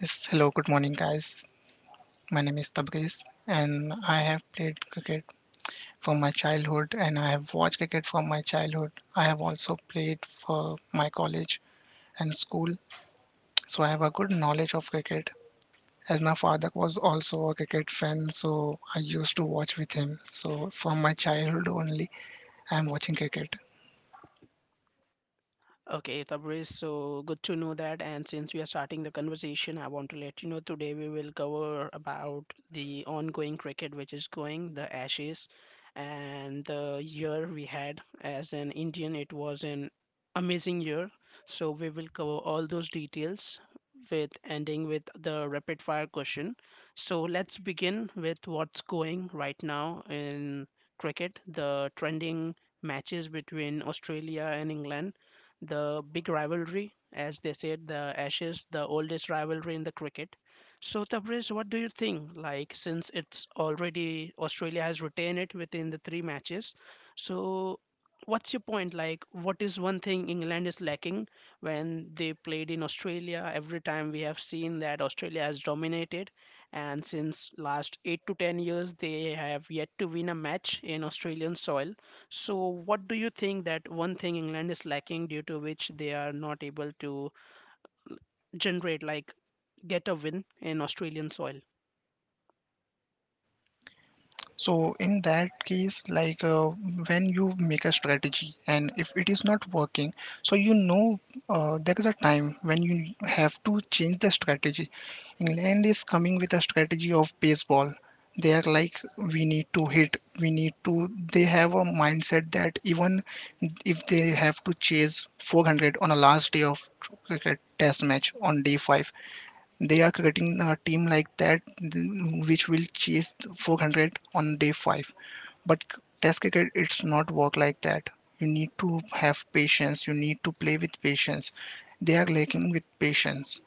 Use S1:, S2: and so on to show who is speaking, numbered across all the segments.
S1: Yes, hello, good morning, guys. My name is Tabriz, and I have played cricket from my childhood, and I have watched cricket from my childhood. I have also played for my college and school, so I have a good knowledge of cricket. As my father was also a cricket fan, so I used to watch with him. So from my childhood only, I am watching cricket. So in that case, when you make a strategy and if it is not working, so there is a time when you have to change the strategy. England is coming with a strategy of baseball. They are like, we need to hit, we need to. They have a mindset that even if they have to chase 400 on a last day of cricket test match on day five, they are creating a team which will chase the 400 on day 5. Test cricket, it's not work like that. You need to have patience. You need to play with patience. They are lacking with patience.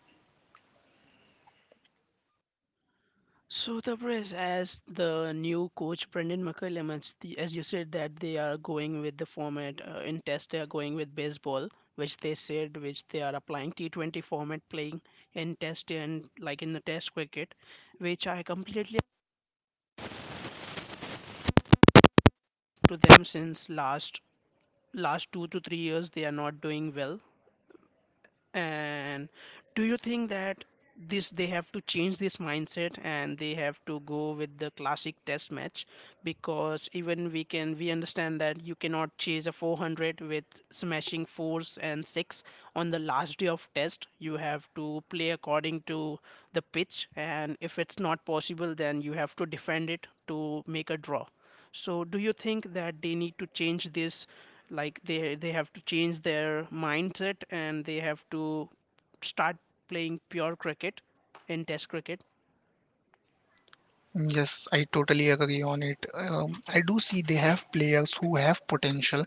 S1: Yes, I totally agree on it. I do see they have players who have potential.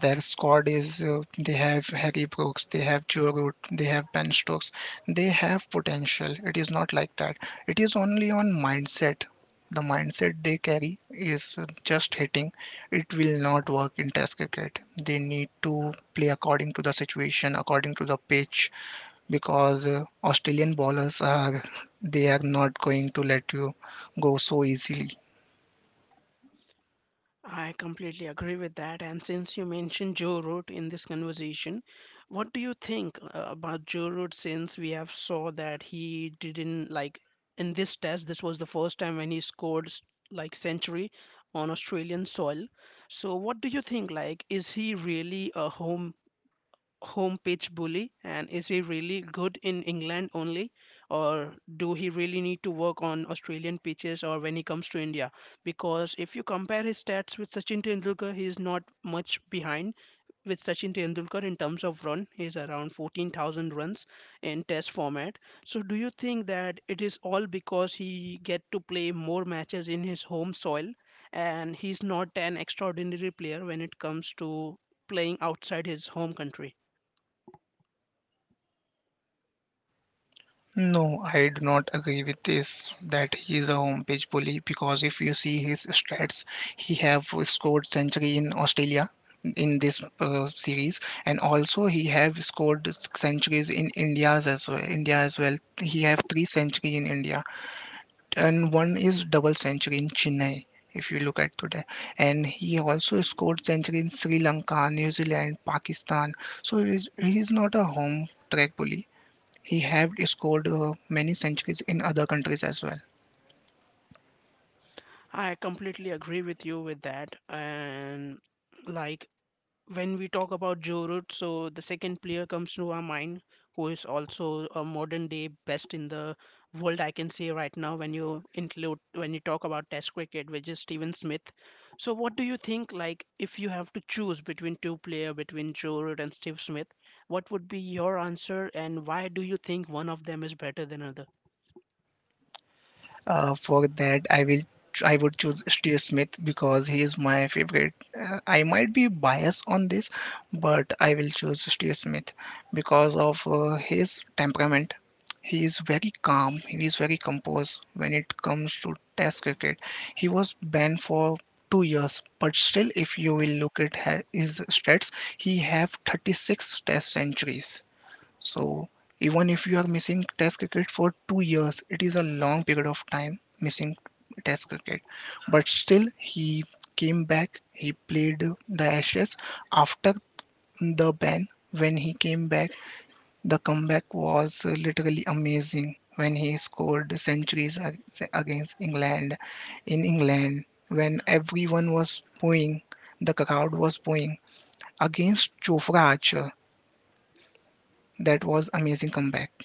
S1: Their squad is they have Harry Brooks, they have Joe Root, they have Ben Stokes. They have potential. It is not like that. It is only on mindset. The mindset they carry is just hitting. It will not work in Test cricket. They need to play according to the situation, according to the pitch, because Australian bowlers are they are not going to let you go so easily. No, I do not agree with this that he is a home page bully because if you see his stats, he have scored century in Australia in this series and also he have scored centuries in India's as well. India as well. He have three century in India and one is double century in Chennai if you look at today, and he also scored century in Sri Lanka, New Zealand, Pakistan. So he is not a home track bully. He have scored many centuries in other countries as well. For that, I would choose Steve Smith because he is my favorite. I might be biased on this, but I will choose Steve Smith because of his temperament. He is very calm. He is very composed when it comes to Test cricket. He was banned for 2 years, but still, if you will look at his stats, he have 36 Test centuries. So even if you are missing test cricket for 2 years, it is a long period of time missing test cricket. But still, he came back. He played the Ashes after the ban. When he came back, the comeback was literally amazing. When he scored against England, in England, when everyone was booing, the crowd was booing against Jofra Archer. That was amazing comeback.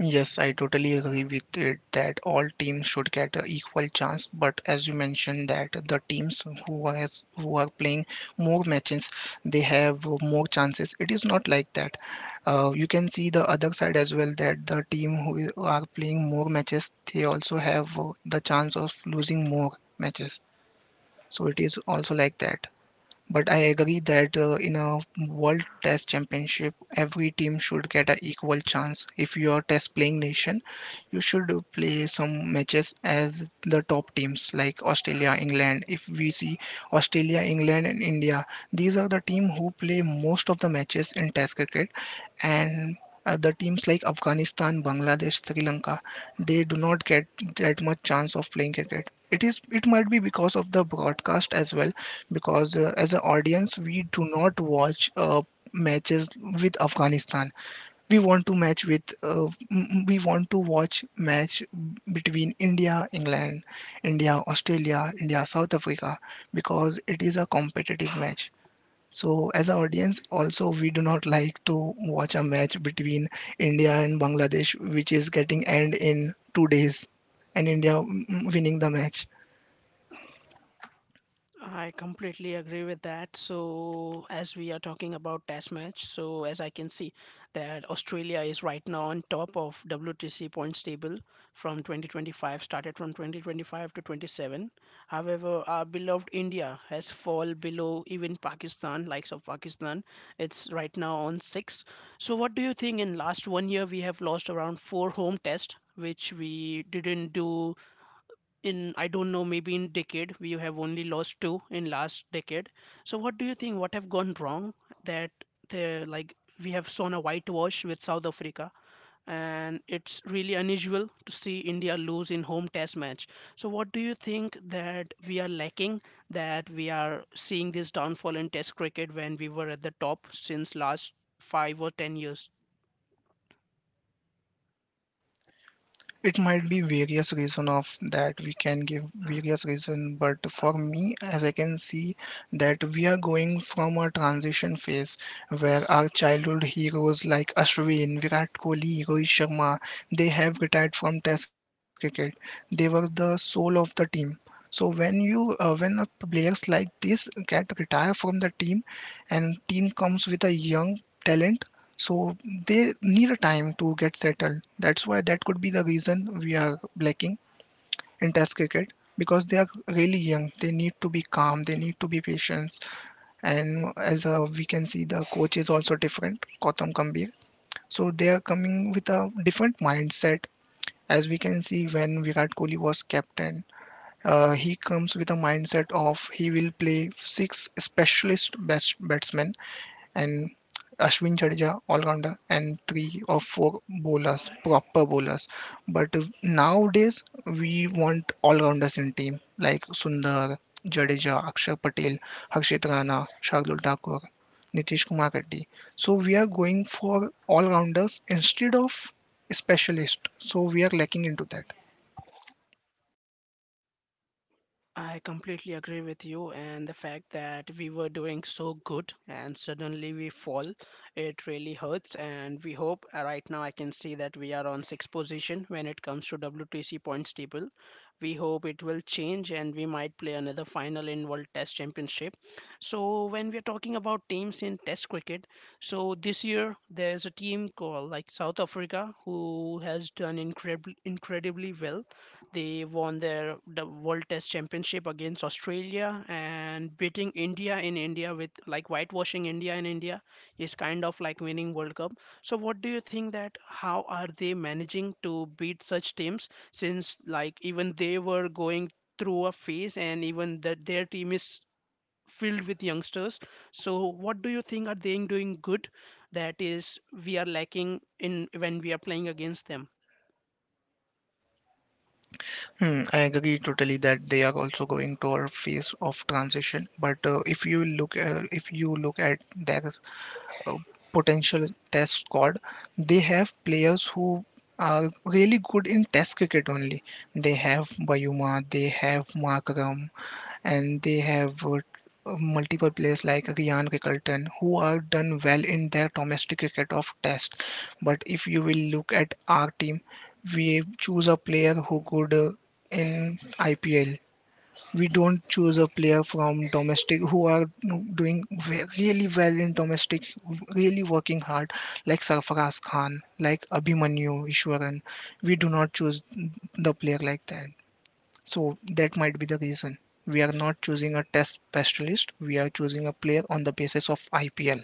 S1: Yes, I totally agree with it that all teams should get an equal chance. But as you mentioned, that the teams who are playing more matches, they have more chances. It is not like that. You can see the other side as well that the team are playing more matches, they also have the chance of losing more matches. So it is also like that. But I agree that in a World Test Championship, every team should get an equal chance. If you are test playing nation, you should play some matches as the top teams like Australia, England. If we see Australia, England, and India, these are the team who play most of the matches in test cricket, and the teams like Afghanistan, Bangladesh, Sri Lanka, they do not get that much chance of playing cricket. It is it might be because of the broadcast as well, because as an audience we do not watch matches with Afghanistan, we want to match with we want to watch match between India, England, India, Australia, India, South Africa, because it is a competitive match. So as an audience, also we do not like to watch a match between India and Bangladesh, which is getting end in 2 days, and India winning the match. It might be various reason of that, we can give various reason, but for me as I can see that we are going from a transition phase where our childhood heroes like Ashwin, Virat Kohli, Rohit Sharma, they have retired from test cricket. They were the soul of the team. So when players like this get retire from the team, and team comes with a young talent, so they need a time to get settled. That's why that could be the reason we are lacking in Test cricket, because they are really young. They need to be calm. They need to be patient. And as we can see, the coach is also different, Gautam Gambhir. So they are coming with a different mindset. As we can see, when Virat Kohli was captain, he comes with a mindset of he will play six specialist best batsmen, and Ashwin, Jadeja, all-rounder, and 3 or 4 bowlers, proper bowlers. But nowadays, we want all-rounders in team like Sundar, Jadeja, Akshar Patel, Harshit Rana, Shardul Thakur, Nitish Kumar Reddy. So we are going for all-rounders instead of specialist. So we are lacking into that. Hmm, I agree totally that they are also going to a phase of transition. But if you look at their potential test squad, they have players who are really good in test cricket only. They have Bayuma, they have Markram, and they have multiple players like Ryan Rickelton who are done well in their domestic cricket of test. But if you will look at our team, we choose a player who good in IPL. We don't choose a player from domestic who are really well in domestic, really working hard, like Sarfaraz Khan, like Abhimanyu Ishwaran. We do not choose the player like that. So that might be the reason. We are not choosing a test specialist. We are choosing a player on the basis of IPL.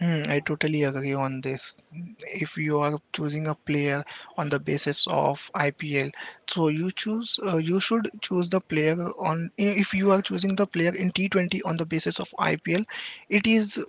S1: Hmm, I totally agree on this. If you are choosing a player on the basis of IPL, so you should choose the player on if you are choosing the player in T20 on the basis of IPL, it is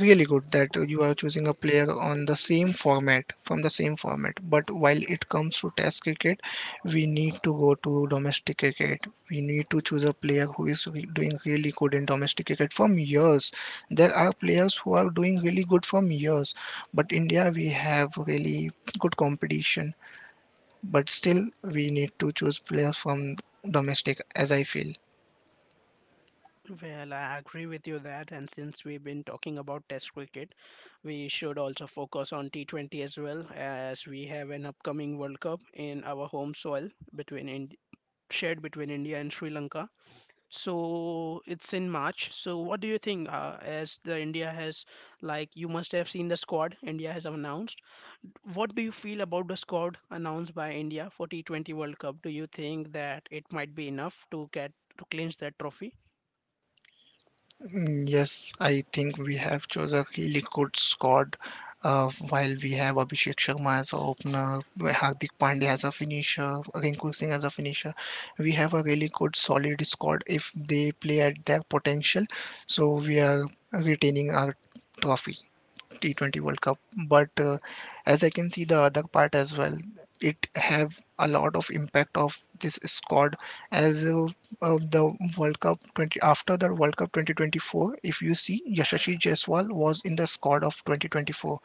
S1: really good that you are choosing a player on the same format from the same format. But while it comes to test cricket, we need to go to domestic cricket. We need to choose a player who is doing really good in domestic cricket from years. There are players who are doing really good from years, but India, we have really good competition. But still we need to choose players from domestic, as I feel. Mm, yes, I think we have chose a really good squad. While we have Abhishek Sharma as a opener, Hardik Pandya as a finisher, Rinku Singh as a finisher, we have a really good solid squad if they play at their potential. So we are retaining our trophy. T20 World Cup, but as I can see the other part as well, it have a lot of impact of this squad as the World Cup 20 after the World Cup 2024. If you see, Yashasvi Jaiswal was in the squad of 2024,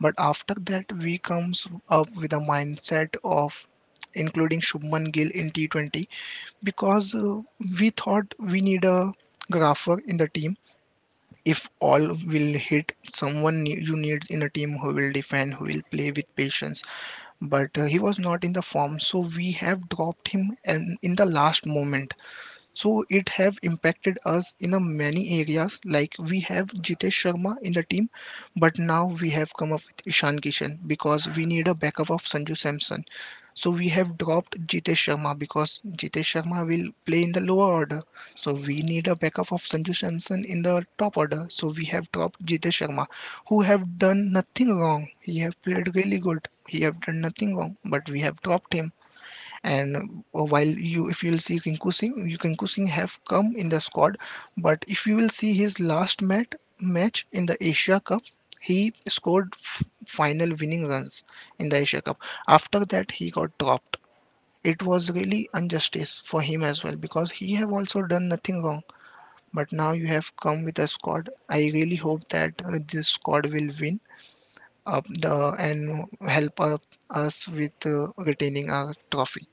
S1: but after that we comes up with a mindset of including Shubman Gill in T20, because we thought we need a grapher in the team. If all will hit you need in a team who will defend, who will play with patience. But he was not in the form, so we have dropped him and in the last moment, so it have impacted us in a many areas. Like we have Jitesh Sharma in the team, but now we have come up with Ishan Kishan because we need a backup of Sanju Samson. So we have dropped Jitesh Sharma because Jitesh Sharma will play in the lower order. So we need a backup of Sanju Samson in the top order. So we have dropped Jitesh Sharma, who have done nothing wrong. He have played really good. He have done nothing wrong, but we have dropped him, and while you if you'll see Rinku Singh, Rinku Singh have come in the squad, but if you will see match in the Asia Cup, he scored final winning runs in the Asia Cup. After that, he got dropped. It was really injustice for him as well because he have also done nothing wrong. But now you have come with a squad. I really hope that this squad will win up the and help up us with retaining our trophy.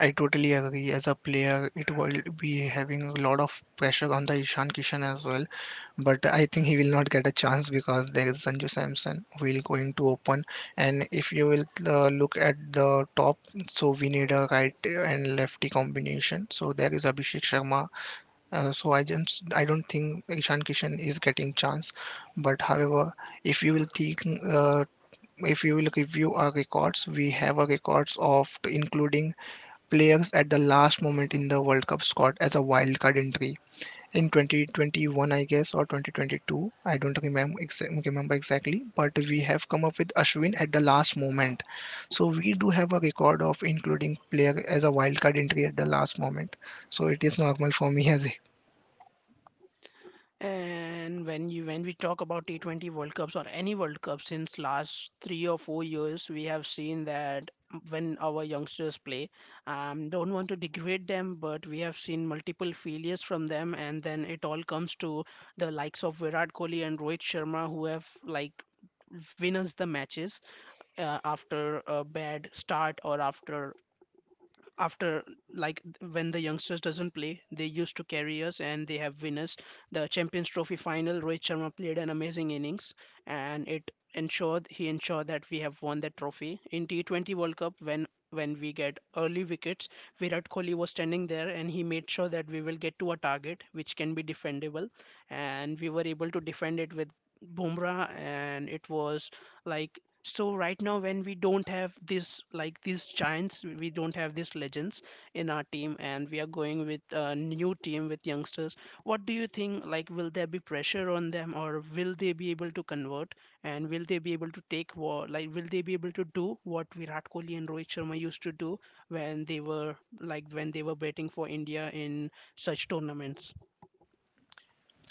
S1: I totally agree. As a player, it will be having a lot of pressure on the Ishan Kishan as well. But I think he will not get a chance because there is Sanju Samson who will going to open. And if you will look at the top, so we need a right and lefty combination. So there is Abhishek Sharma. So I don't think Ishan Kishan is getting chance. But however, if you will think uh, if you will review our records, we have a records of including players at the last moment in the World Cup squad as a wildcard entry in 2021, I guess, or 2022. I don't remember exactly, but we have come up with Ashwin at the last moment. So we do have a record of including player as a wildcard entry at the last moment. So it is normal for me as a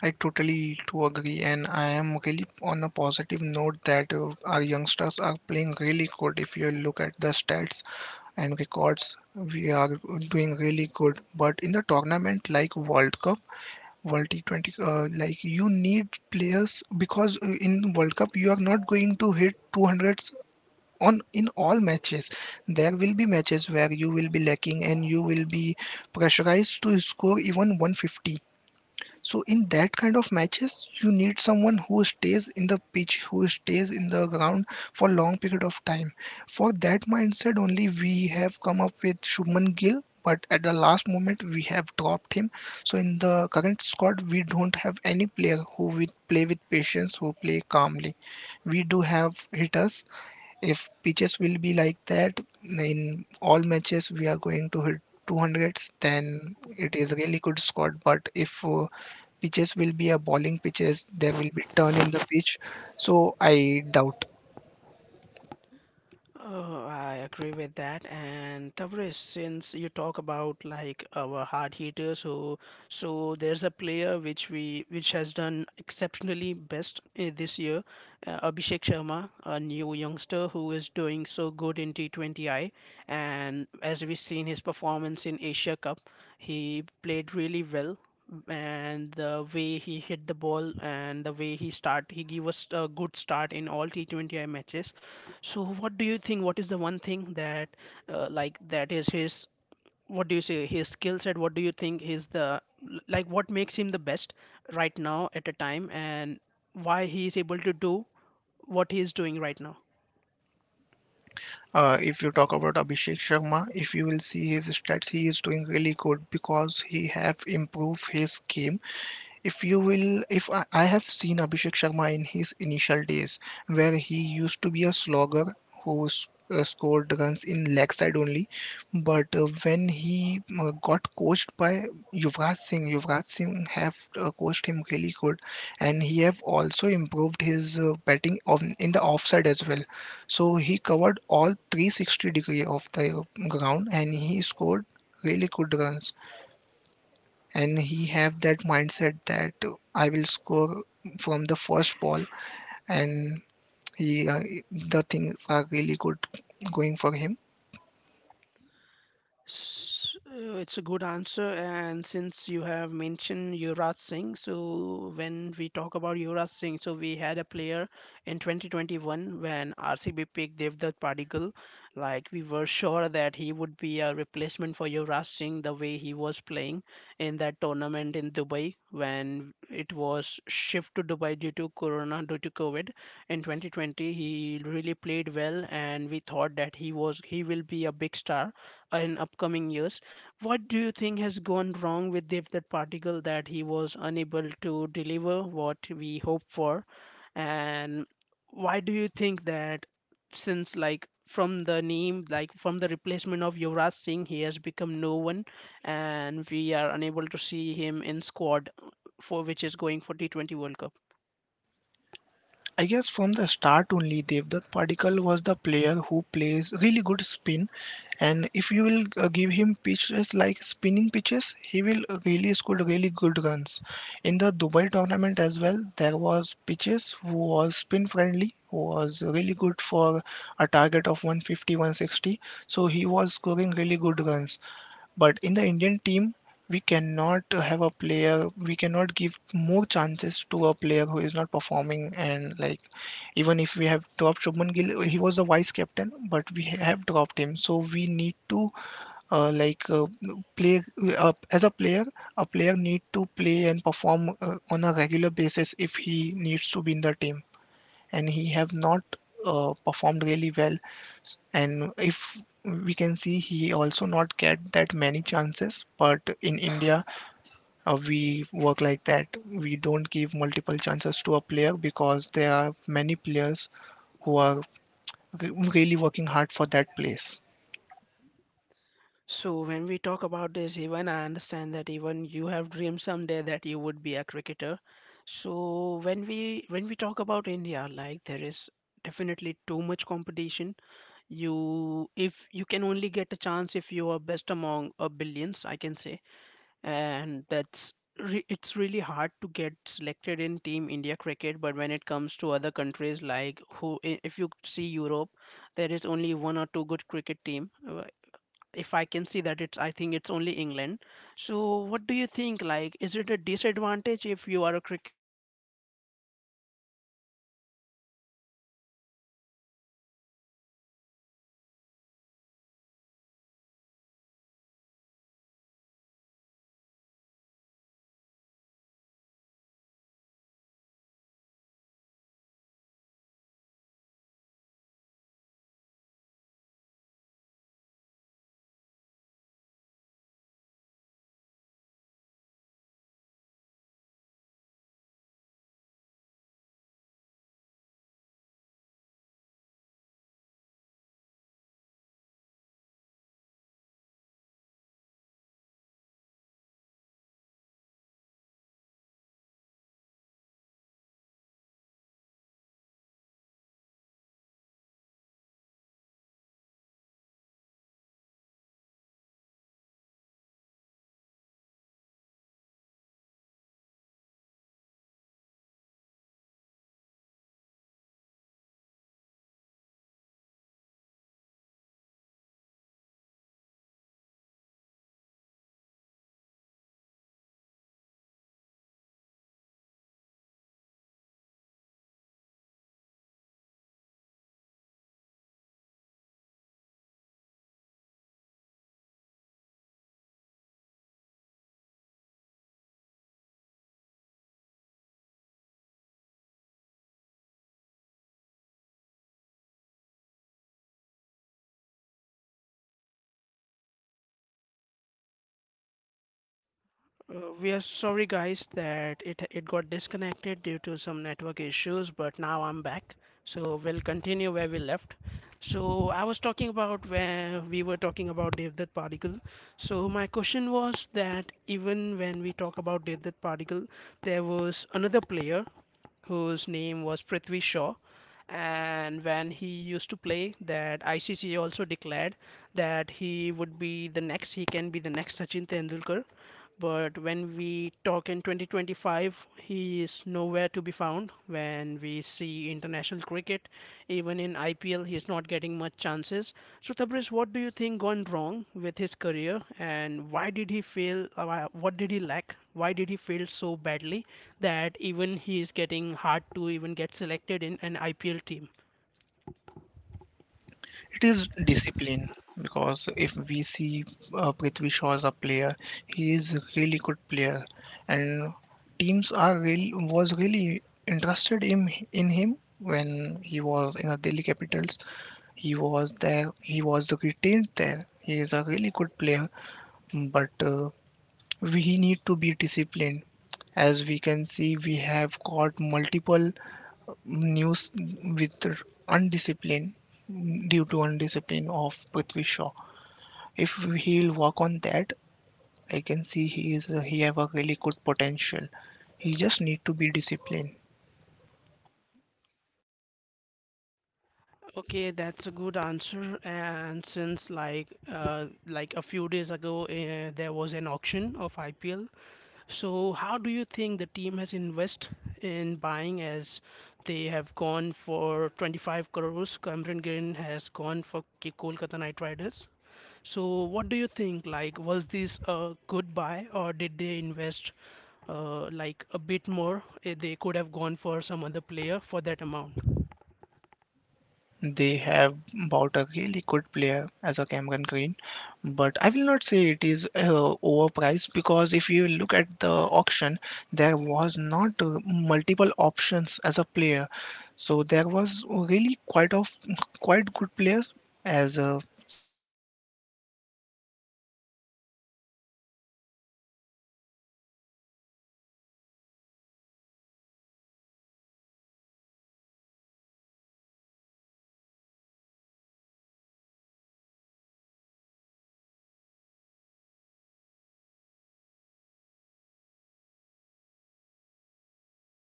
S1: I totally to agree, and I am really on a positive note that our youngsters are playing really good. If you look at the stats, and records we are doing really good but in the tournament like world cup world t20 like you need players because in world cup you are not going to hit 200s on in all matches there will be matches where you will be lacking and you will be pressurized to score even 150 so in that kind of matches, you need someone who stays in the pitch, who stays in the ground for long period of time. For that mindset only we have come up with Shubman Gill, but at the last moment we have dropped him. So in the current squad, we don't have any player who will play with patience, who play calmly. We do have hitters. If pitches will be like that in all matches, we are going to hit 200s. Then it is really good squad. But if pitches will be a bowling pitches there will be turn in the pitch so I doubt if you talk about Abhishek Sharma if you will see his stats he is doing really good because he have improved his game if you will if I have seen Abhishek Sharma in his initial days where he used to be a slogger who scored runs in leg side only but when he got coached by Yuvraj Singh have coached him really good and he have also improved his batting on in the offside as well so he covered all 360 degree of the ground and he scored really good runs and he have that mindset that I will score from the first ball and he the things are really good going for him. I guess from the start only Devdutt Padikal was the player who plays really good spin and if you will give him pitches like spinning pitches he will really score really good runs in the Dubai tournament as well there was pitches who was spin friendly who was really good for a target of 150 160 so he was scoring really good runs but in the Indian team, we cannot have a player, we cannot give more chances to a player who is not performing. And like, even if we have dropped Shubman Gill, he was the vice captain, but we have dropped him. So we need to uh, like uh, play as a player need to play and perform on a regular basis if he needs to be in the team and he have not performed really well And if we can see he also not get that many chances but in India we work like that we don't give multiple chances to a player because there are many players who are really working hard for that place.
S2: We are sorry, guys, that it got disconnected due to some network issues, but now I'm back. So we'll continue where we left. So I was talking about where we were talking about Devdutt particle. So my question was that even when we talk about Devdutt particle, there was another player whose name was Prithvi Shaw. And when he used to play, that ICC also declared that he would be the next, he can be the next Sachin Tendulkar, but when we talk in 2025, he is nowhere to be found. When we see international cricket, even in IPL, he is not getting much chances. So, Tabriz, what do you think gone wrong with his career, and why did he fail? What did he lack? Why did he fail so badly that even he is getting hard to even get selected in an IPL team?
S1: It is discipline because if we see Prithvi Shaw as a player, he is a really good player, and teams are really was really interested in him when he was in the Delhi Capitals. He was there. He was retained there. He is a really good player, but we need to be disciplined. As we can see, we have got multiple news with undiscipline due to undiscipline of Prithvi Shaw. If he'll work on that, I can see he have a really good potential. He just need to be disciplined.
S2: Okay, that's a good answer. And since like a few days ago, there was an auction of IPL. So, how do you think the team has invest in buying as they have gone for 25 crores? Cameron Green has gone for Kolkata Knight Riders. So, what do you think? Like, was this a good buy or did they invest like a bit more? They could have gone for some other player for that amount.
S1: They have bought a really good player as a Cameron Green, but I will not say it is overpriced because if you look at the auction, there was not multiple options as a player, so there was really quite good players as Cameron Green, Living Liam Livingston. So there were really less proven players so that's why the team who have a really good amount, so they have invested in him. And but however, I have doubts because Cameron Green is a three-format player and three-format bowling all-rounder player.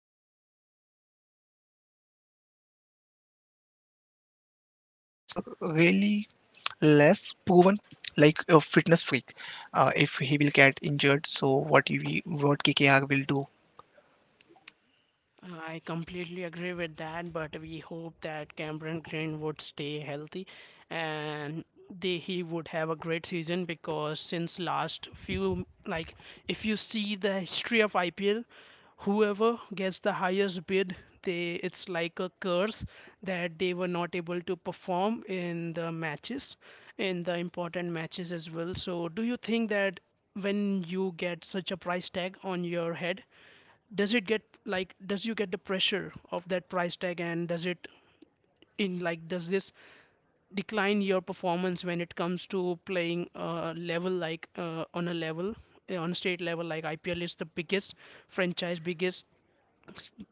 S1: He will bowl, he will bat, and as a fast bowler, he needs to be really like a fitness freak. If he will get injured, so what KKR will do?
S2: I completely agree with that, but we hope that Cameron Green would stay healthy and he would have a great season, because since last few, like, if you see the history of IPL, whoever gets the highest bid, they it's like a curse that they were not able to perform in the matches, in the important matches as well. So do you think that when you get such a price tag on your head, does it get like does you get the pressure of that price tag, and does it in like does this decline your performance when it comes to playing a level like on a level on a state level, like IPL is the biggest franchise, biggest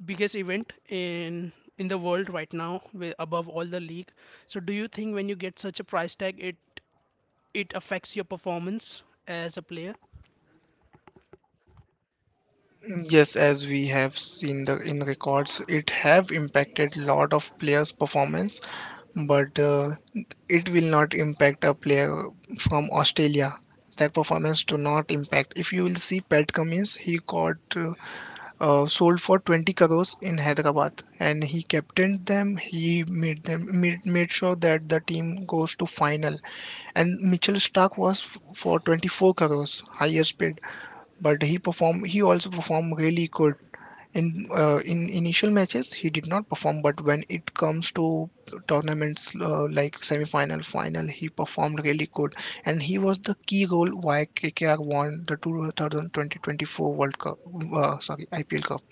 S2: biggest event in the world right now, above all the league. So do you think when you get such a price tag, it affects your performance as a player?
S1: Yes, as we have seen the in records, it have impacted lot of players' performance, but it will not impact a player from Australia. That performance do not impact. If you will see Pat Cummins, he got sold for 20 crores in Hyderabad, and he captained them. He made made sure that the team goes to final. And Mitchell Stark was for 24 crores, highest paid, but he performed. He also performed really good in initial matches he did not perform but when it comes to tournaments like semi-final final he performed really good and he was the key goal why KKR won the 2024 World Cup sorry IPL Cup.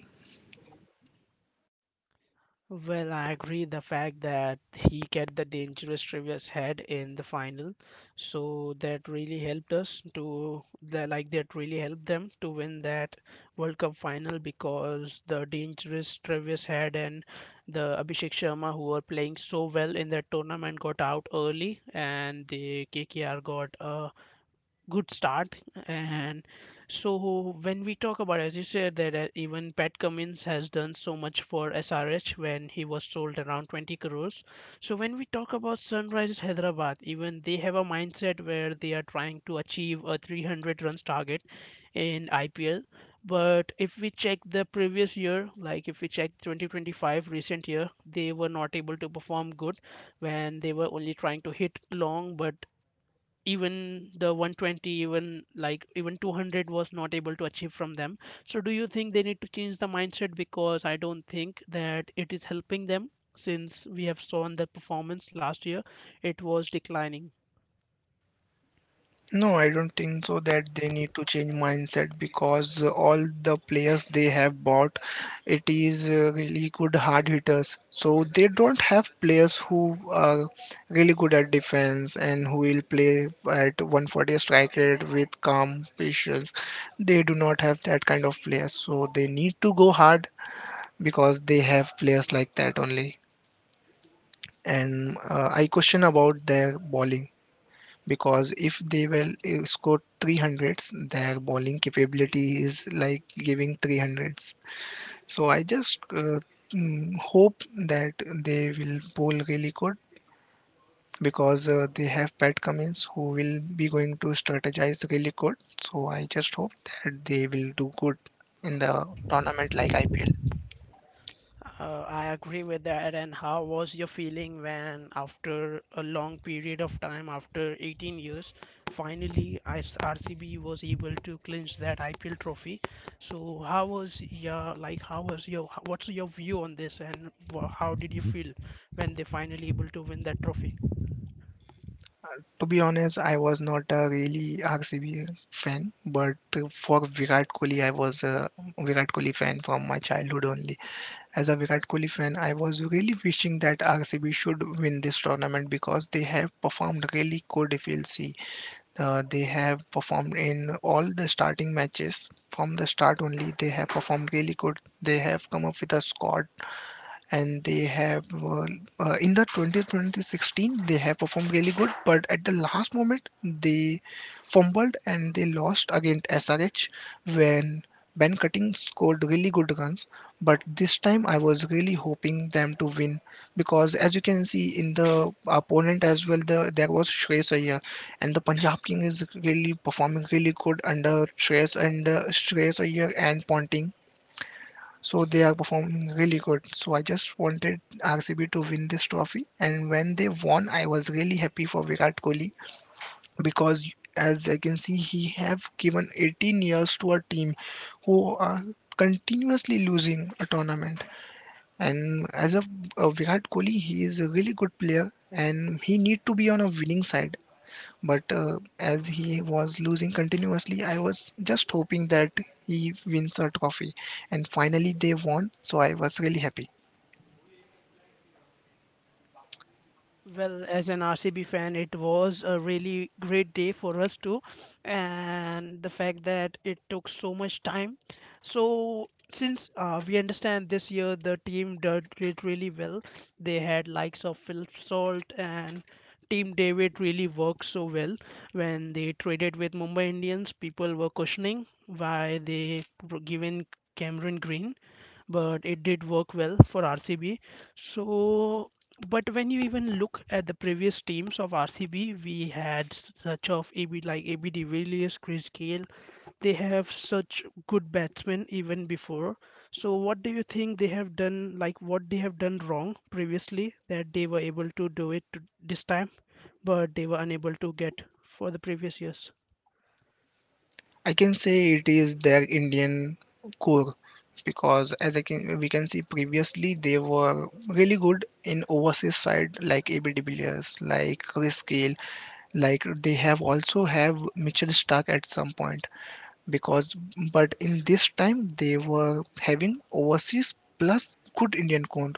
S2: Well, I agree the fact that he get the dangerous reverse head in the final, so that really helped us to that like that really helped them to win that World Cup final, because the dangerous reverse head and the Abhishek Sharma who were playing so well in that tournament got out early and the KKR got a good start. And so when we talk about, as you said, that even Pat Cummins has done so much for SRH when he was sold around 20 crores. So when we talk about Sunrisers Hyderabad, even they have a mindset where they are trying to achieve a 300 runs target in IPL. But if we check the previous year, like if we check 2025 recent year, they were not able to perform good when they were only trying to hit long, but even the 120, even like, even 200 was not able to achieve from them. So do you think they need to change the mindset, because I don't think that it is helping them, since we have shown the performance last year it was declining.
S1: No, I don't think so that they need to change mindset because all the players they have bought, it is really good hard hitters. So they don't have players who are really good at defense and who will play at 140 strike rate with calm patience. They do not have that kind of players. So they need to go hard because they have players like that only. And I question about their bowling because if they will score 300s their bowling capability is like giving 300s so I just hope that they will bowl really good because they have Pat Cummins who will be going to strategize really good so I just hope that they will do good in the tournament like IPL.
S2: I agree with that. And how was your feeling when, after a long period of time, after 18 years, finally IS RCB was able to clinch that IPL trophy? So, how was your like? How was your? What's your view on this? And how did you feel when they finally able to win that trophy?
S1: To be honest, I was not a really RCB fan, but for Virat Kohli, I was a Virat Kohli fan from my childhood only. As a Virat Kohli fan, I was really wishing that RCB should win this tournament because they have performed really good. If you'll see, they have performed in all the starting matches from the start only. They have performed really good. They have come up with a squad and they have in the 2016 they have performed really good but at the last moment they fumbled and they lost against SRH when Ben Cutting scored really good runs but this time I was really hoping them to win because as you can see in the opponent as well there was Shreyas Iyer and the Punjab King is really performing really good under Shreyas and Shreyas Iyer and Ponting so they are performing really good. So I just wanted RCB to win this trophy, and when they won, I was really happy for Virat Kohli because as I can see, he have given 18 years to a team who are continuously losing a tournament. And a Virat Kohli, he is a really good player, and he need to be on a winning side. But as he was losing continuously, I was just hoping that he wins a trophy. And finally, they won, so I was really happy.
S2: Well, as an RCB fan, it was a really great day for us too, and the fact that it took so much time. So, since we understand, this year the team did it really well. They had likes of Phil Salt, and Team David really worked so well. When they traded with Mumbai Indians, people were questioning why they were given Cameron Green, but it did work well for RCB. So, but when you even look at the previous teams of RCB, we had such of AB, like AB de Villiers, Chris Gayle. They have such good batsmen even before. So, what do you think they have done? Like what they have done wrong previously that they were able to do it this time, but they were unable to get for the previous years?
S1: I can say it is their Indian core because as I can we can see previously they were really good in overseas side like AB de Villiers, like Chris Gayle, like they have also have Mitchell Stark at some point. Because but in this time they were having overseas plus good Indian count.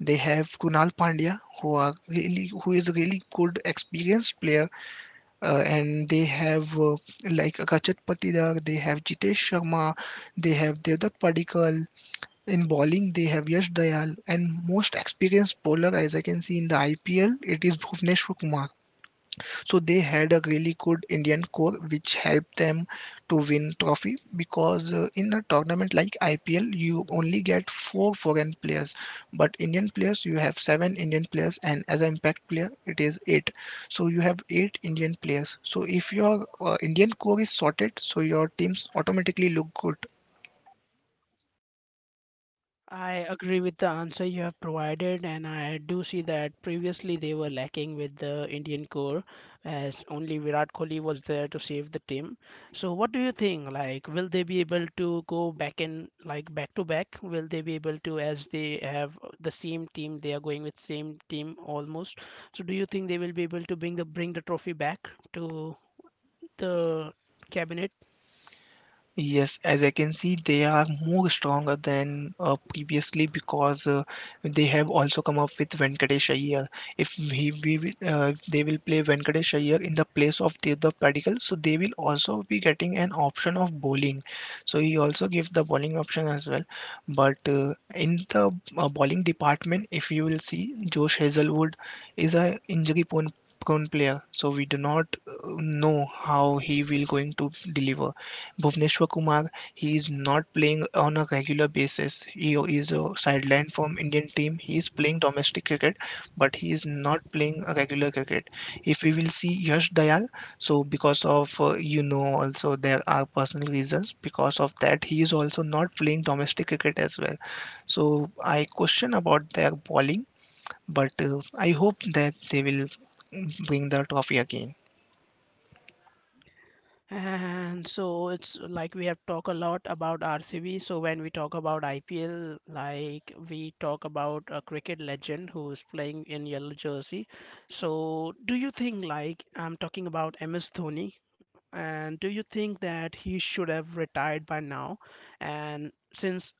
S1: They have Kunal Pandya who are really who is a really good experienced player, and they have like Rajat Patidar, they have Jitesh Sharma, they have Devdutt Padikkal. In bowling, they have Yash Dayal, and most experienced bowler as I can see in the IPL, it is Bhuvneshwar Kumar. So they had a really good Indian core which helped them to win trophy because in a tournament like IPL you only get 4 foreign players, but Indian players you have 7 Indian players, and as an impact player it is 8. So you have 8 Indian players. So if your Indian core is sorted, so your teams automatically look good.
S2: I agree with the answer you have provided, and I do see that previously they were lacking with the Indian core, as only Virat Kohli was there to save the team. So, what do you think? Like, will they be able to go back and, like, back to back? Will they be able to, as they have the same team, they are going with same team almost. So, do you think they will be able to bring the trophy back to the cabinet?
S1: Yes, as I can see, they are more stronger than previously because they have also come up with Venkatesh Iyer. If they will play Venkatesh Iyer in the place of Tirtha Padikkal, so they will also be getting an option of bowling. So he also gives the bowling option as well. But in the bowling department, if you will see, Josh Hazelwood is a injury prone player, so we do not know how he will going to deliver. Bhuvneshwar Kumar, he is not playing on a regular basis. He is sidelined from Indian team. He is playing domestic cricket, but he is not playing a regular cricket. If we will see Yash Dayal, so because of also there are personal reasons. Because of that, he is also not playing domestic cricket as well. So I question about their bowling, but I hope that they will bring the trophy again.
S2: And so it's like we have talked a lot about RCB. So when we talk about IPL, like we talk about a cricket legend who is playing in yellow jersey. So do you think, like, I'm talking about MS Dhoni? And do you think that he should have retired by now? And since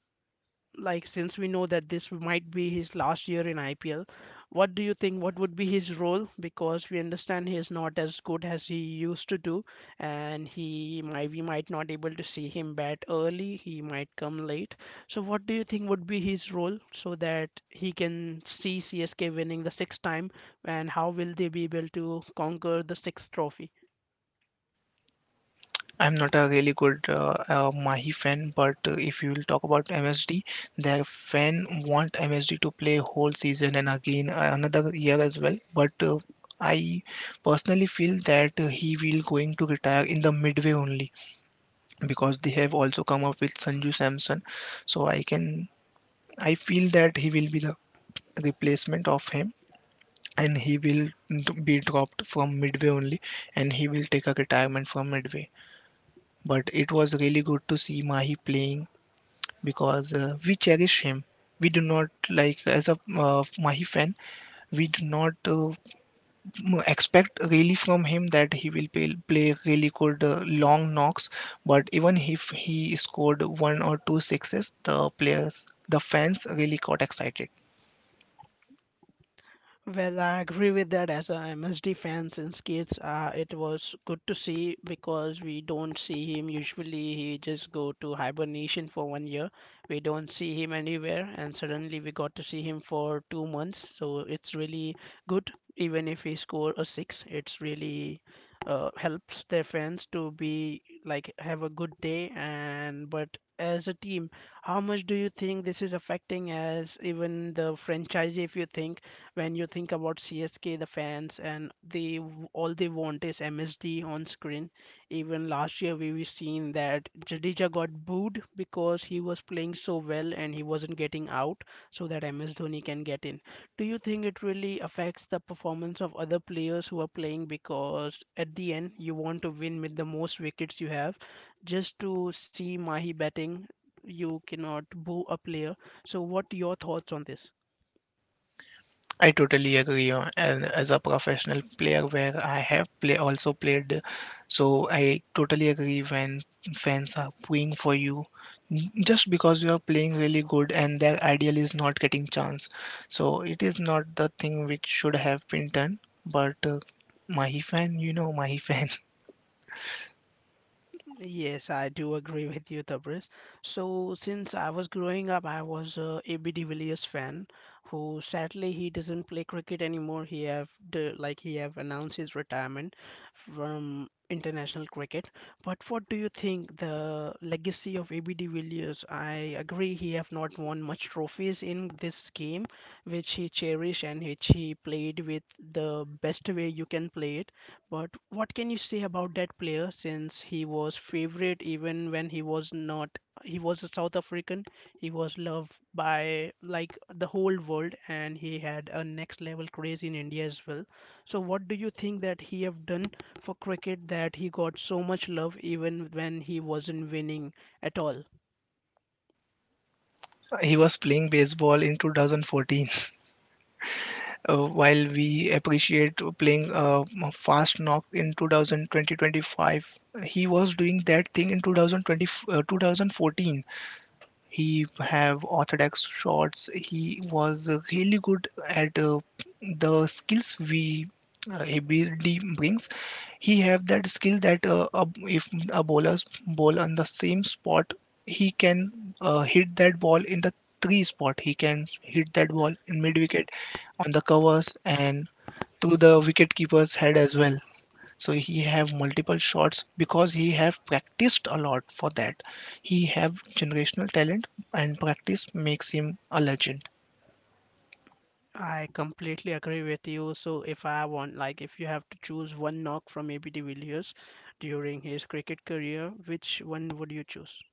S2: like since we know that this might be his last year in IPL, what do you think? What would be his role? Because we understand he is not as good as he used to do, and he might we might not able to see him bat early. He might come late. So what do you think would be his role so that he can see CSK winning the sixth time, and how will they be able to conquer the sixth trophy?
S1: I'm not a really good Mahi fan, but if you will talk about MSD, their fan want MSD to play whole season and again another year as well. But I personally feel that he will going to retire in the midway only because they have also come up with Sanju Samson. So I feel that he will be the replacement of him, and he will be dropped from midway only, and he will take a retirement from midway. But it was really good to see Mahi playing because we cherish him. We do not like as a Mahi fan, we do not expect really from him that he will play, play really good long knocks. But even if he scored one or two sixes, the players, the fans really got excited.
S2: Well, I agree with that as a MSD fan since kids. It was good to see, because we don't see him usually. He just go to hibernation for one year. We don't see him anywhere, and suddenly we got to see him for 2 months. So it's really good. Even if he score a six, it's really, helps their fans to be, like, have a good day. And but as a team, how much do you think this is affecting as even the franchisee? If you think when you think about CSK, the fans, and they, all they want is MSD on screen. Even last year, we seen that Jadeja got booed because he was playing so well and he wasn't getting out, so that MS Dhoni can get in. Do you think it really affects the performance of other players who are playing, because at the end you want to win with the most wickets you have? Just to see Mahi batting, you cannot boo a player. So, what your thoughts on this?
S1: I totally agree. And as a professional player, where I have play also played, so I totally agree when fans are pulling for you just because you are playing really good and their ideal is not getting chance. So it is not the thing which should have been done. But Mahi fan, you know Mahi fan,
S2: Yes, I do agree with you, Tabriz. So, since I was growing up, I was a AB de Villiers fan, who sadly he doesn't play cricket anymore. He have announced his retirement from international cricket. But what do you think the legacy of AB de Villiers? I agree he have not won much trophies in this game, which he cherished and which he played with the best way you can play it. But what can you say about that player, since he was favorite even when he was not, he was a South African, he was loved by, like, the whole world, and he had a next level craze in India as well. So what do you think that he have done for cricket that he got so much love even when he wasn't winning at all?
S1: he was playing baseball in 2014. While we appreciate playing fast knock in 2020, he was doing that thing in 2020, 2014. He have orthodox shots. He was really good at the skills we ability brings. He have that skill that if a bowlers bowl on the same spot, he can hit that ball in the three spot. He can hit that ball in mid wicket, on the covers, and through the wicket keeper's head as well. So he have multiple shots because he have practiced a lot for that. He have generational talent, and practice makes him a legend.
S2: I completely agree with you. So if I want like if you have to choose one knock from AB de Villiers during his cricket career, which one would you choose?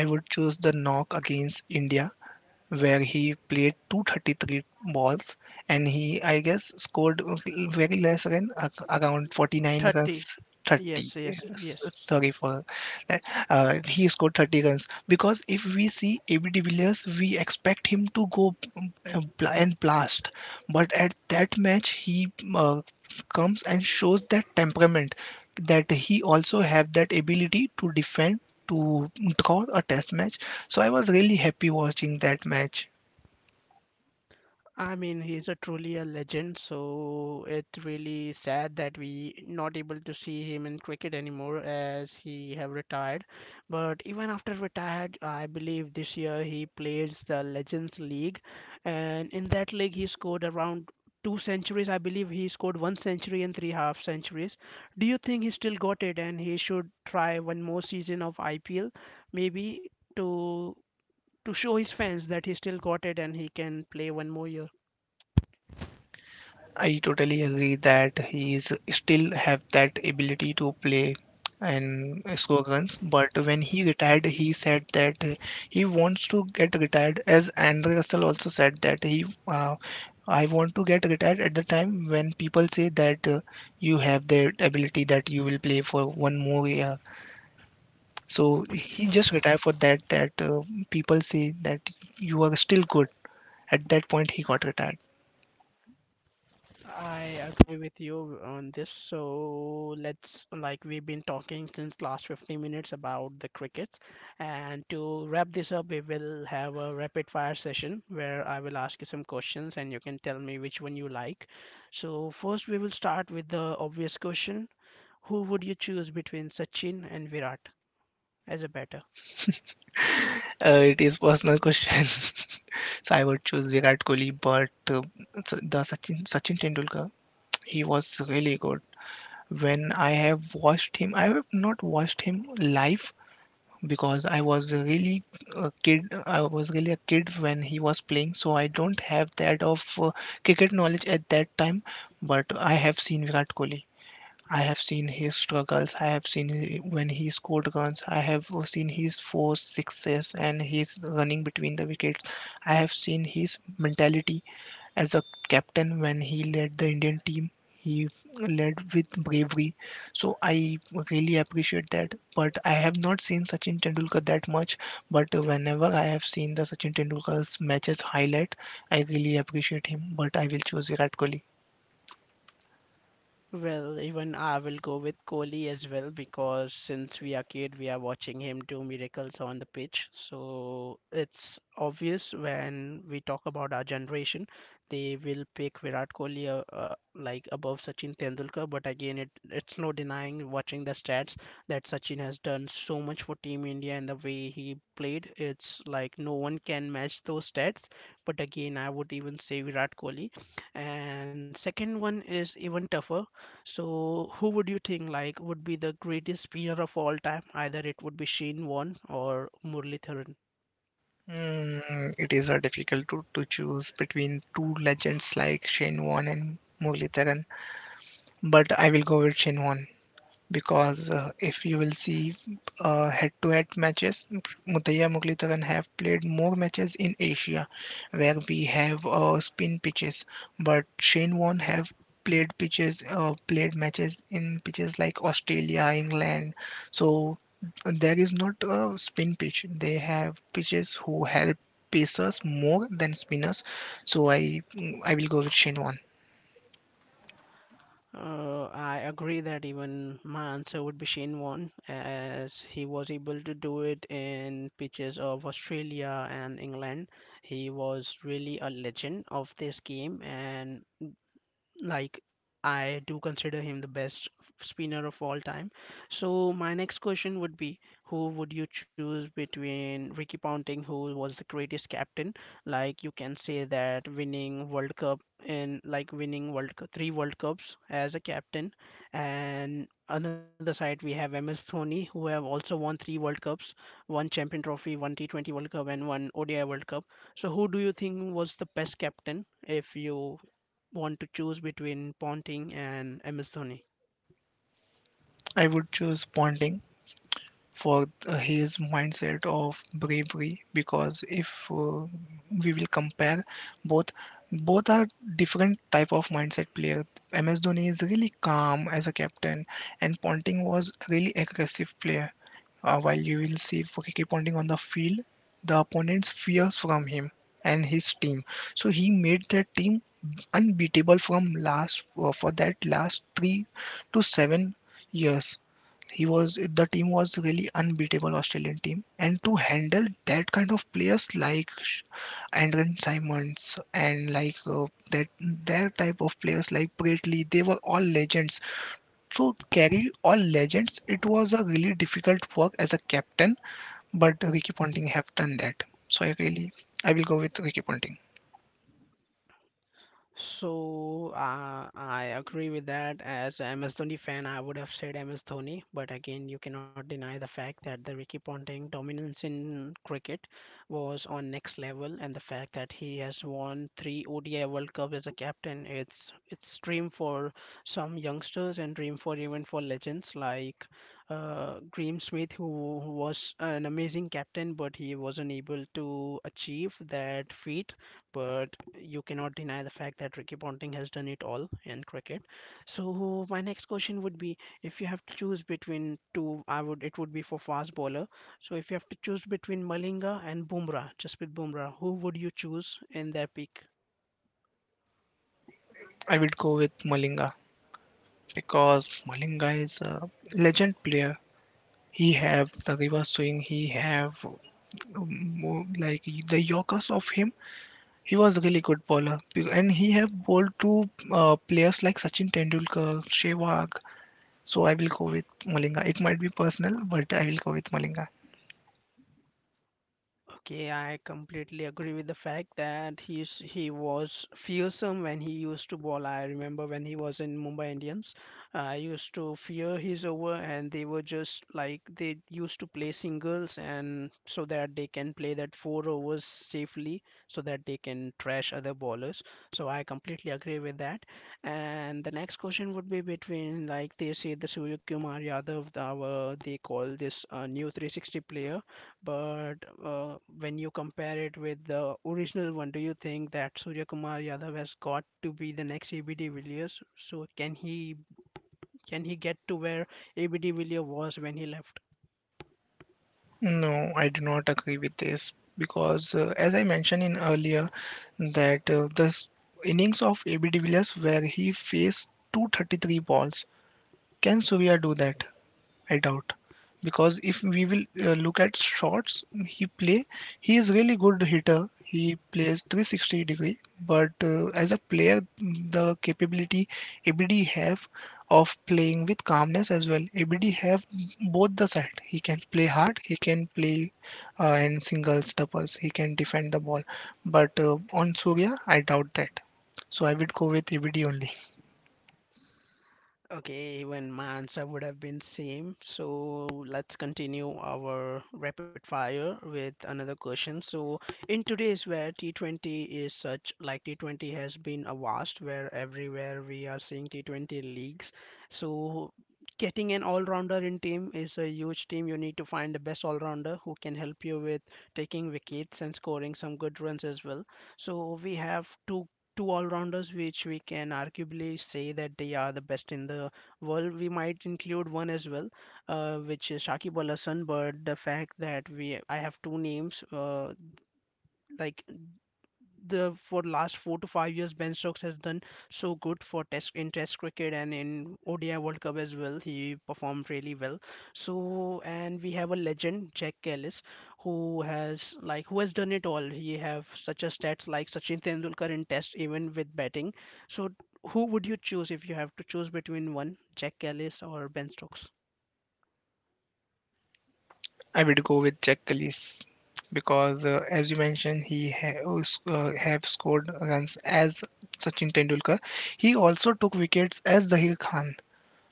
S1: I would choose the knock against India where he played 233 balls, and he, I guess, scored very less run, around 49
S2: 30.
S1: runs. 30.
S2: Yes, yes, yes.
S1: Sorry for that. He scored 30 runs because if we see AB de Villiers we expect him to go bla- and blast, but at that match he comes and shows that temperament, that he also have that ability to defend, to draw a test match. So I was really happy watching that match.
S2: I mean, he's a truly a legend, so it's really sad that we not able to see him in cricket anymore as he have retired, but even after retired I believe this year he plays the legends league, and in that league he scored around two centuries. I believe he scored one century and three half centuries. Do you think he still got it and he should try one more season of IPL, maybe to show his fans that he still got it and he can play one more year.
S1: I totally agree that he is still have that ability to play and score runs. But when he retired, he said that he wants to get retired. As Andre Russell also said that I want to get retired at the time when people say that you have the ability that you will play for 1 more year. So he just retired for that. People say that you are still good. At that point, he got retired.
S2: I agree with you on this. So let's, like, we've been talking since last 15 minutes about the crickets, and to wrap this up, we will have a rapid fire session where I will ask you some questions and you can tell me which one you like. So first, we will start with the obvious question: Who would you choose between Sachin and Virat as a batter?
S1: It is personal question. So I would choose Virat Kohli, but the Sachin Tendulkar, he was really good. When I have watched him, I have not watched him live because I was really a kid. I was really a kid when he was playing, so I don't have that of cricket knowledge at that time. But I have seen Virat Kohli. I have seen his struggles. I have seen when he scored runs. I have seen his four sixes and his running between the wickets. I have seen his mentality as a captain when he led the Indian team. He led with bravery. So I really appreciate that. But I have not seen Sachin Tendulkar that much. But whenever I have seen the Sachin Tendulkar's matches highlight, I really appreciate him. But I will choose Virat Kohli.
S2: Well, even I will go with Kohli as well because since we are kid, we are watching him do miracles on the pitch. So it's obvious when we talk about our generation, they will pick Virat Kohli like above Sachin Tendulkar. But again, it's no denying watching the stats that Sachin has done so much for Team India and the way he played. It's like no one can match those stats. But again, I would even say Virat Kohli. And second one is even tougher. So, who would you think like would be the greatest spinner of all time? Either it would be Shane Warne or Murli Dharan.
S1: It is a difficult to choose between two legends like Shane Warne and Murali Dhawan, but I will go with Shane Warne because if you will see head-to-head matches, Muttiah Muglitaran have played more matches in Asia, where we have spin pitches, but Shane Warne have played matches in pitches like Australia, England. So there is not a spin pitch. They have pitches who help pacers more than spinners. So I will go with Shane Warne.
S2: I agree that even my answer would be Shane Warne, as he was able to do it in pitches of Australia and England. He was really a legend of this game, and like I do consider him the best spinner of all time. So my next question would be, who would you choose between Ricky Ponting, who was the greatest captain? Like you can say that winning World Cup and like winning World Cup, three World Cups as a captain, and another side we have MS Dhoni, who have also won three World Cups, one Champion Trophy, one T20 World Cup, and one ODI World Cup. So who do you think was the best captain if you want to choose between Ponting and Ms Dhoni?
S1: I would choose Ponting for his mindset of bravery because if we will compare both both are different type of mindset player. MS Dhoni is really calm as a captain, and Ponting was really aggressive player. While you will see Ricky Ponting on the field, the opponents fears from him and his team. So he made that team unbeatable from last for that last three to seven years. He was the team was really unbeatable Australian team, and to handle that kind of players like Andren Simons and like that their type of players like Bradley, they were all legends. So carry all legends, it was a really difficult work as a captain, but Ricky Ponting have done that. So I really I will go with Ricky Ponting.
S2: So, I agree with that. As a MS Dhoni fan, I would have said MS Dhoni, but again, you cannot deny the fact that the Ricky Ponting dominance in cricket was on next level, and the fact that he has won three ODI World Cups as a captain, it's dream for some youngsters and dream for even for legends like Graham Smith, who was an amazing captain, but he wasn't able to achieve that feat, but you cannot deny the fact that Ricky Ponting has done it all in cricket. So my next question would be, if you have to choose between two, I would it would be for fast bowler. So if you have to choose between Malinga and Bumrah, just with Bumrah, who would you choose in their peak?
S1: I will go with Malinga because Malinga is a legend player. He have the river swing. He have more like the Yorkers of him. He was a really good bowler, Be- and he have bowled to players like Sachin Tendulkar, Sehwag. So I will go with Malinga. It might be personal, but I will go with Malinga.
S2: Okay, I completely agree with the fact that he was fearsome when he used to bowl. I remember when he was in Mumbai Indians, I used to fear his over, and they were just like they used to play singles, and so that they can play that four overs safely, so that they can trash other bowlers. So I completely agree with that. And the next question would be between like they say the Surya Kumar Yadav, the, our they call this new 360 player. But when you compare it with the original one, do you think that Surya Kumar Yadav has got to be the next ABD Villiers? So can he get to where ABD Villiers was when he left?
S1: No, I do not agree with this because, as I mentioned in earlier, that uh, the s- innings of AB de Villiers where he faced 233 balls. Can Surya do that? I doubt because if we will look at shots he play, he is really good hitter. He plays 360 degree, but as a player the capability ABD have of playing with calmness as well. ABD have both the side. He can play hard, he can play in singles, doubles. He can defend the ball, but on Surya I doubt that. So I would go with ABD only.
S2: Okay, even my answer would have been same. So let's continue our rapid fire with another question. So in today's where T20 is such, like T20 has been a vast where everywhere we are seeing T20 leagues. So getting an all-rounder in team is a huge team. You need to find the best all-rounder who can help you with taking wickets and scoring some good runs as well. So we have two all-rounders which we can arguably say that they are the best in the world. We might include one as well, which is Shakib Al Hasan. But the fact that we I have two names, like the for last 4 to 5 years, Ben Stokes has done so good for test in Test cricket and in ODI World Cup as well. He performed really well. So and we have a legend Jack Kellis who has like who has done it all. He have such a stats like Sachin Tendulkar in Test even with batting. So who would you choose if you have to choose between one Jack Kellis or Ben Stokes?
S1: I would go with Jack Grealish because, as you mentioned, have scored against as Sachin Tendulkar. He also took wickets as Zahir Khan.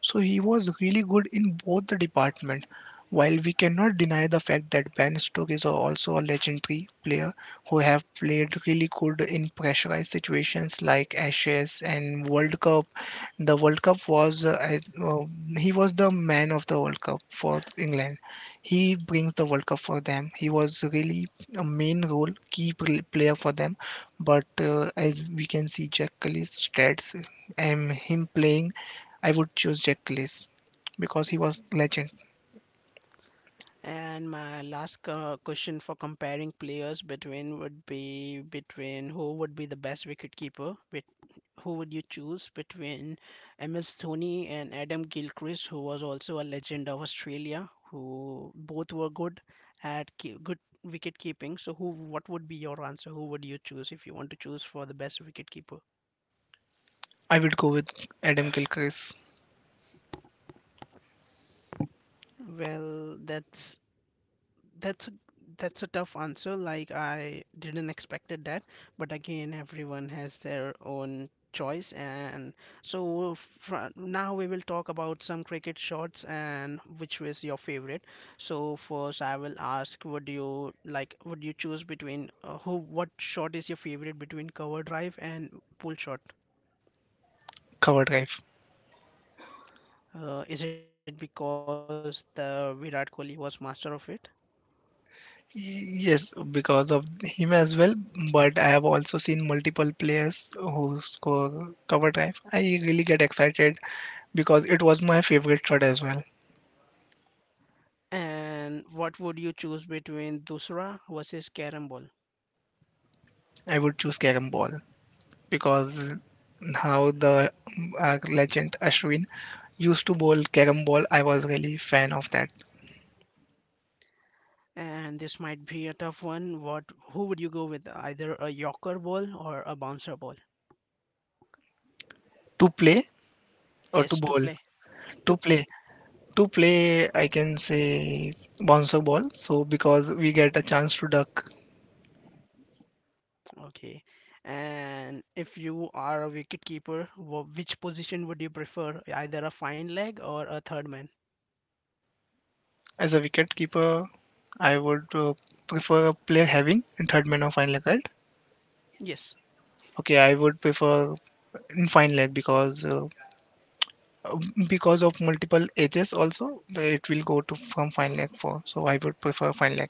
S1: So he was really good in both the department. While we cannot deny the fact that Ben Stoke is also a legendary player who have played really good in pressurized situations like Ashes and World Cup. The World Cup was as He was the man of the World Cup for England. He brings the World Cup for them. He was really a main role key pl- player for them. But as we can see, Jack Kelly's stats and him playing, I would choose Jack Grealish because he was legend.
S2: And my last question for comparing players between would be between who would be the best wicket keeper. Who would you choose between MS Dhoni and Adam Gilchrist, who was also a legend of Australia, who both were good at good wicket keeping. So, who? What would be your answer? Who would you choose if you want to choose for the best wicket keeper?
S1: I would go with Adam Gilchrist.
S2: Well, That's a, that's a tough answer. Like I didn't expected that, but again, everyone has their own choice. And so fr now we will talk about some cricket shots and which was your favorite. So first, I will ask, would you like? Would you choose between who? What shot is your favorite between cover drive and pull shot?
S1: Cover drive.
S2: Is it because the Virat Kohli was master of it?
S1: Yes, because of him as well, but I have also seen multiple players who score cover drive. I really get excited because it was my favorite shot as well.
S2: And what would you choose between Dusra versus Carrom ball?
S1: I would choose Karam ball because how the legend Ashwin used to bowl Karam ball, I was really fan of that.
S2: And this might be a tough one. What who would you go with? Either a Yorker ball or a bouncer ball?
S1: To play or to
S2: Yes, to
S1: bowl?
S2: play.
S1: To
S2: To
S1: play.
S2: play.
S1: To play, I can say bouncer ball, so because we get a chance to duck.
S2: Okay. And if you are a wicketkeeper, which position would you prefer? Either a fine leg or a third man?
S1: As a wicketkeeper, I would prefer a player having in third man or fine leg. Right?
S2: Yes.
S1: Okay, I would prefer in fine leg because of multiple edges also it will go to from fine leg for. So I would prefer fine leg.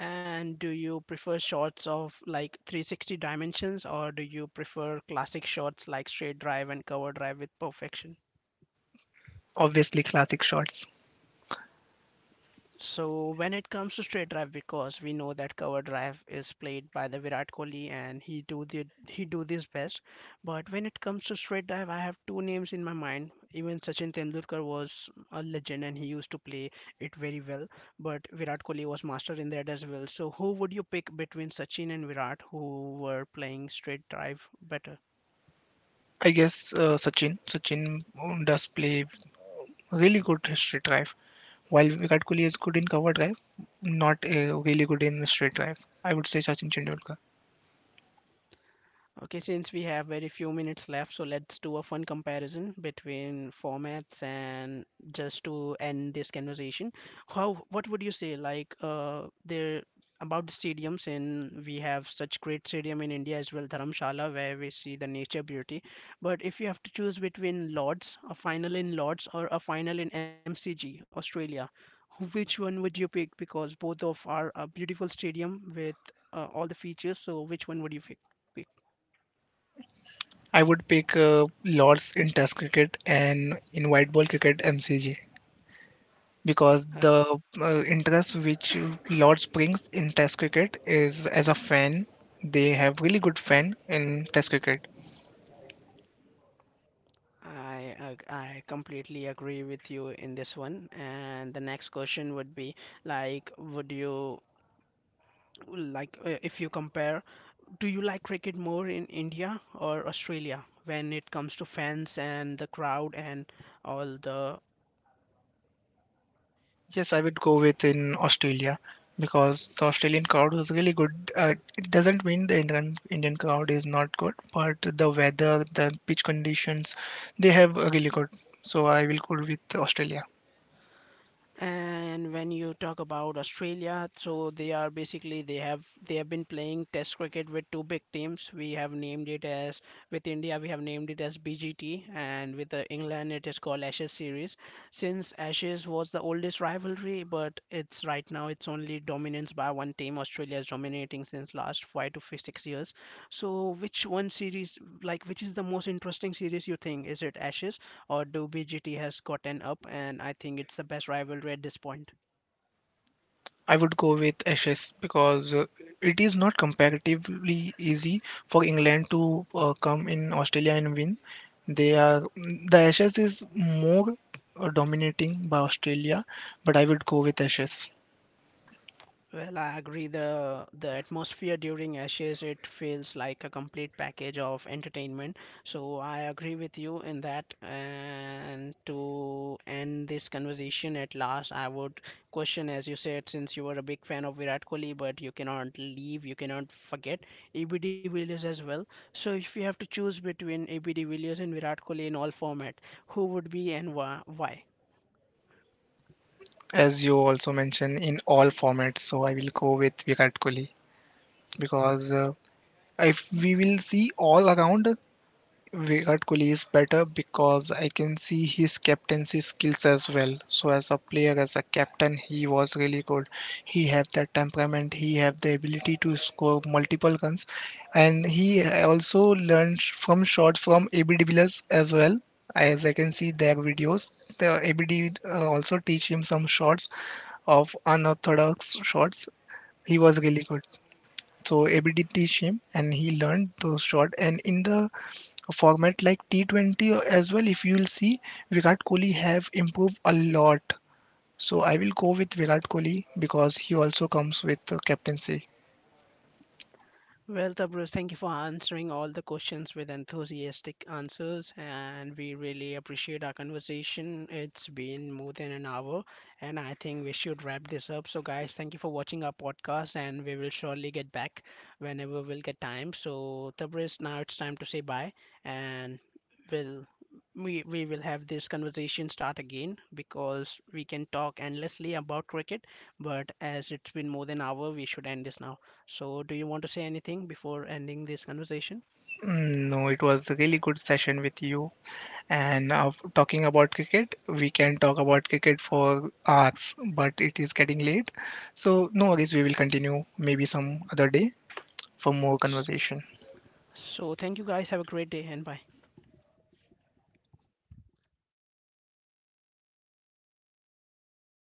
S2: And do you prefer shots of like 360 dimensions or do you prefer classic shots like straight drive and cover drive with perfection?
S1: Obviously, classic shots.
S2: So when it comes to straight drive, because we know that cover drive is played by the Virat Kohli and he do this best. But when it comes to straight drive, I have two names in my mind. Even Sachin Tendulkar was a legend and he used to play it very well. But Virat Kohli was master in that as well. So who would you pick between Sachin and Virat, who were playing straight drive better?
S1: I guess Sachin does play really good straight drive. While Virat Kohli is good in cover drive, not really good in straight drive. I would say Sachin Tendulkar.
S2: Okay, since we have very few minutes left, so let's do a fun comparison between formats and just to end this conversation. What would you say, like, there about the stadiums, and we have such great stadium in India as well, Dharamshala, where we see the nature beauty. But if you have to choose between Lords, a final in Lords, or a final in MCG, Australia, which one would you pick? Because both of are a beautiful stadium with all the features. So which one would you pick?
S1: I would pick Lords in Test cricket and in white ball cricket MCG because
S2: Uh,
S1: the interest which Lords brings in Test cricket is as a fan, they have really good fan in Test cricket.
S2: I completely agree with you in this one. And the next question would be like, would you like if you compare, do you like cricket more in India or Australia when it comes to fans and the crowd and all the
S1: Yes, I would go with in Australia because the Australian crowd was really good. It doesn't mean the Indian crowd is not good, but the weather, the pitch conditions, they have a really good. So I will go with Australia.
S2: And when you talk about Australia, so they are basically they have been playing Test cricket with two big teams. We have named it as With India we have named it as BGT, and with England it is called Ashes series. Since Ashes was the oldest rivalry, but it's right now it's only dominance by one team. Australia is dominating since last five to 6 years. So which one series, like which is the most interesting series you think? Is it Ashes? Or do BGT has gotten up, and I think it's the best rivalry at this point.
S1: I would go with Ashes because it is not comparatively easy for England to come in Australia and win. They are the Ashes is more dominating by Australia, but I would go with Ashes.
S2: Well, I agree. The atmosphere during Ashes it feels like a complete package of entertainment. So I agree with you in that. And to end this conversation at last, I would question, as you said, since you were a big fan of Virat Kohli, but you cannot forget ABD Villiers as well. So if you have to choose between ABD Villiers and Virat Kohli in all format, who would be and Why?
S1: As you also mentioned, in all formats. So I will go with Virat Kohli because if we will see all around, Virat Kohli is better because I can see his captaincy skills as well. So as a player, as a captain, he was really good. He have that temperament. He have the ability to score multiple runs, and he also learned from shots from AB de Villiers as well. As I can see their videos, also teach him some shots of unorthodox shots. He was really good. So ABD teach him and he learned those shots. And in the a format like T20 as well. If you will see, Virat Kohli have improved a lot. So I will go with Virat Kohli because he also comes with the captaincy.
S2: Well, Tabruz, thank you for answering all the questions with enthusiastic answers, and we really appreciate our conversation. It's been more than an hour, and I think we should wrap this up. So, guys, thank you for watching our podcast, and we will surely get back whenever we'll get time. So, Tabruz, now it's time to say bye, and we'll we will have this conversation start again because we can talk endlessly about cricket, but as it's been more than an hour we should end this now. So, do you want to say anything before ending this conversation?
S1: No, it was a really good session with you. And talking about cricket, we can talk about cricket for hours, but it is getting late. So no worries, we will continue maybe some other day for more
S2: S-
S1: conversation.
S2: So, thank you guys. Have a great day and bye.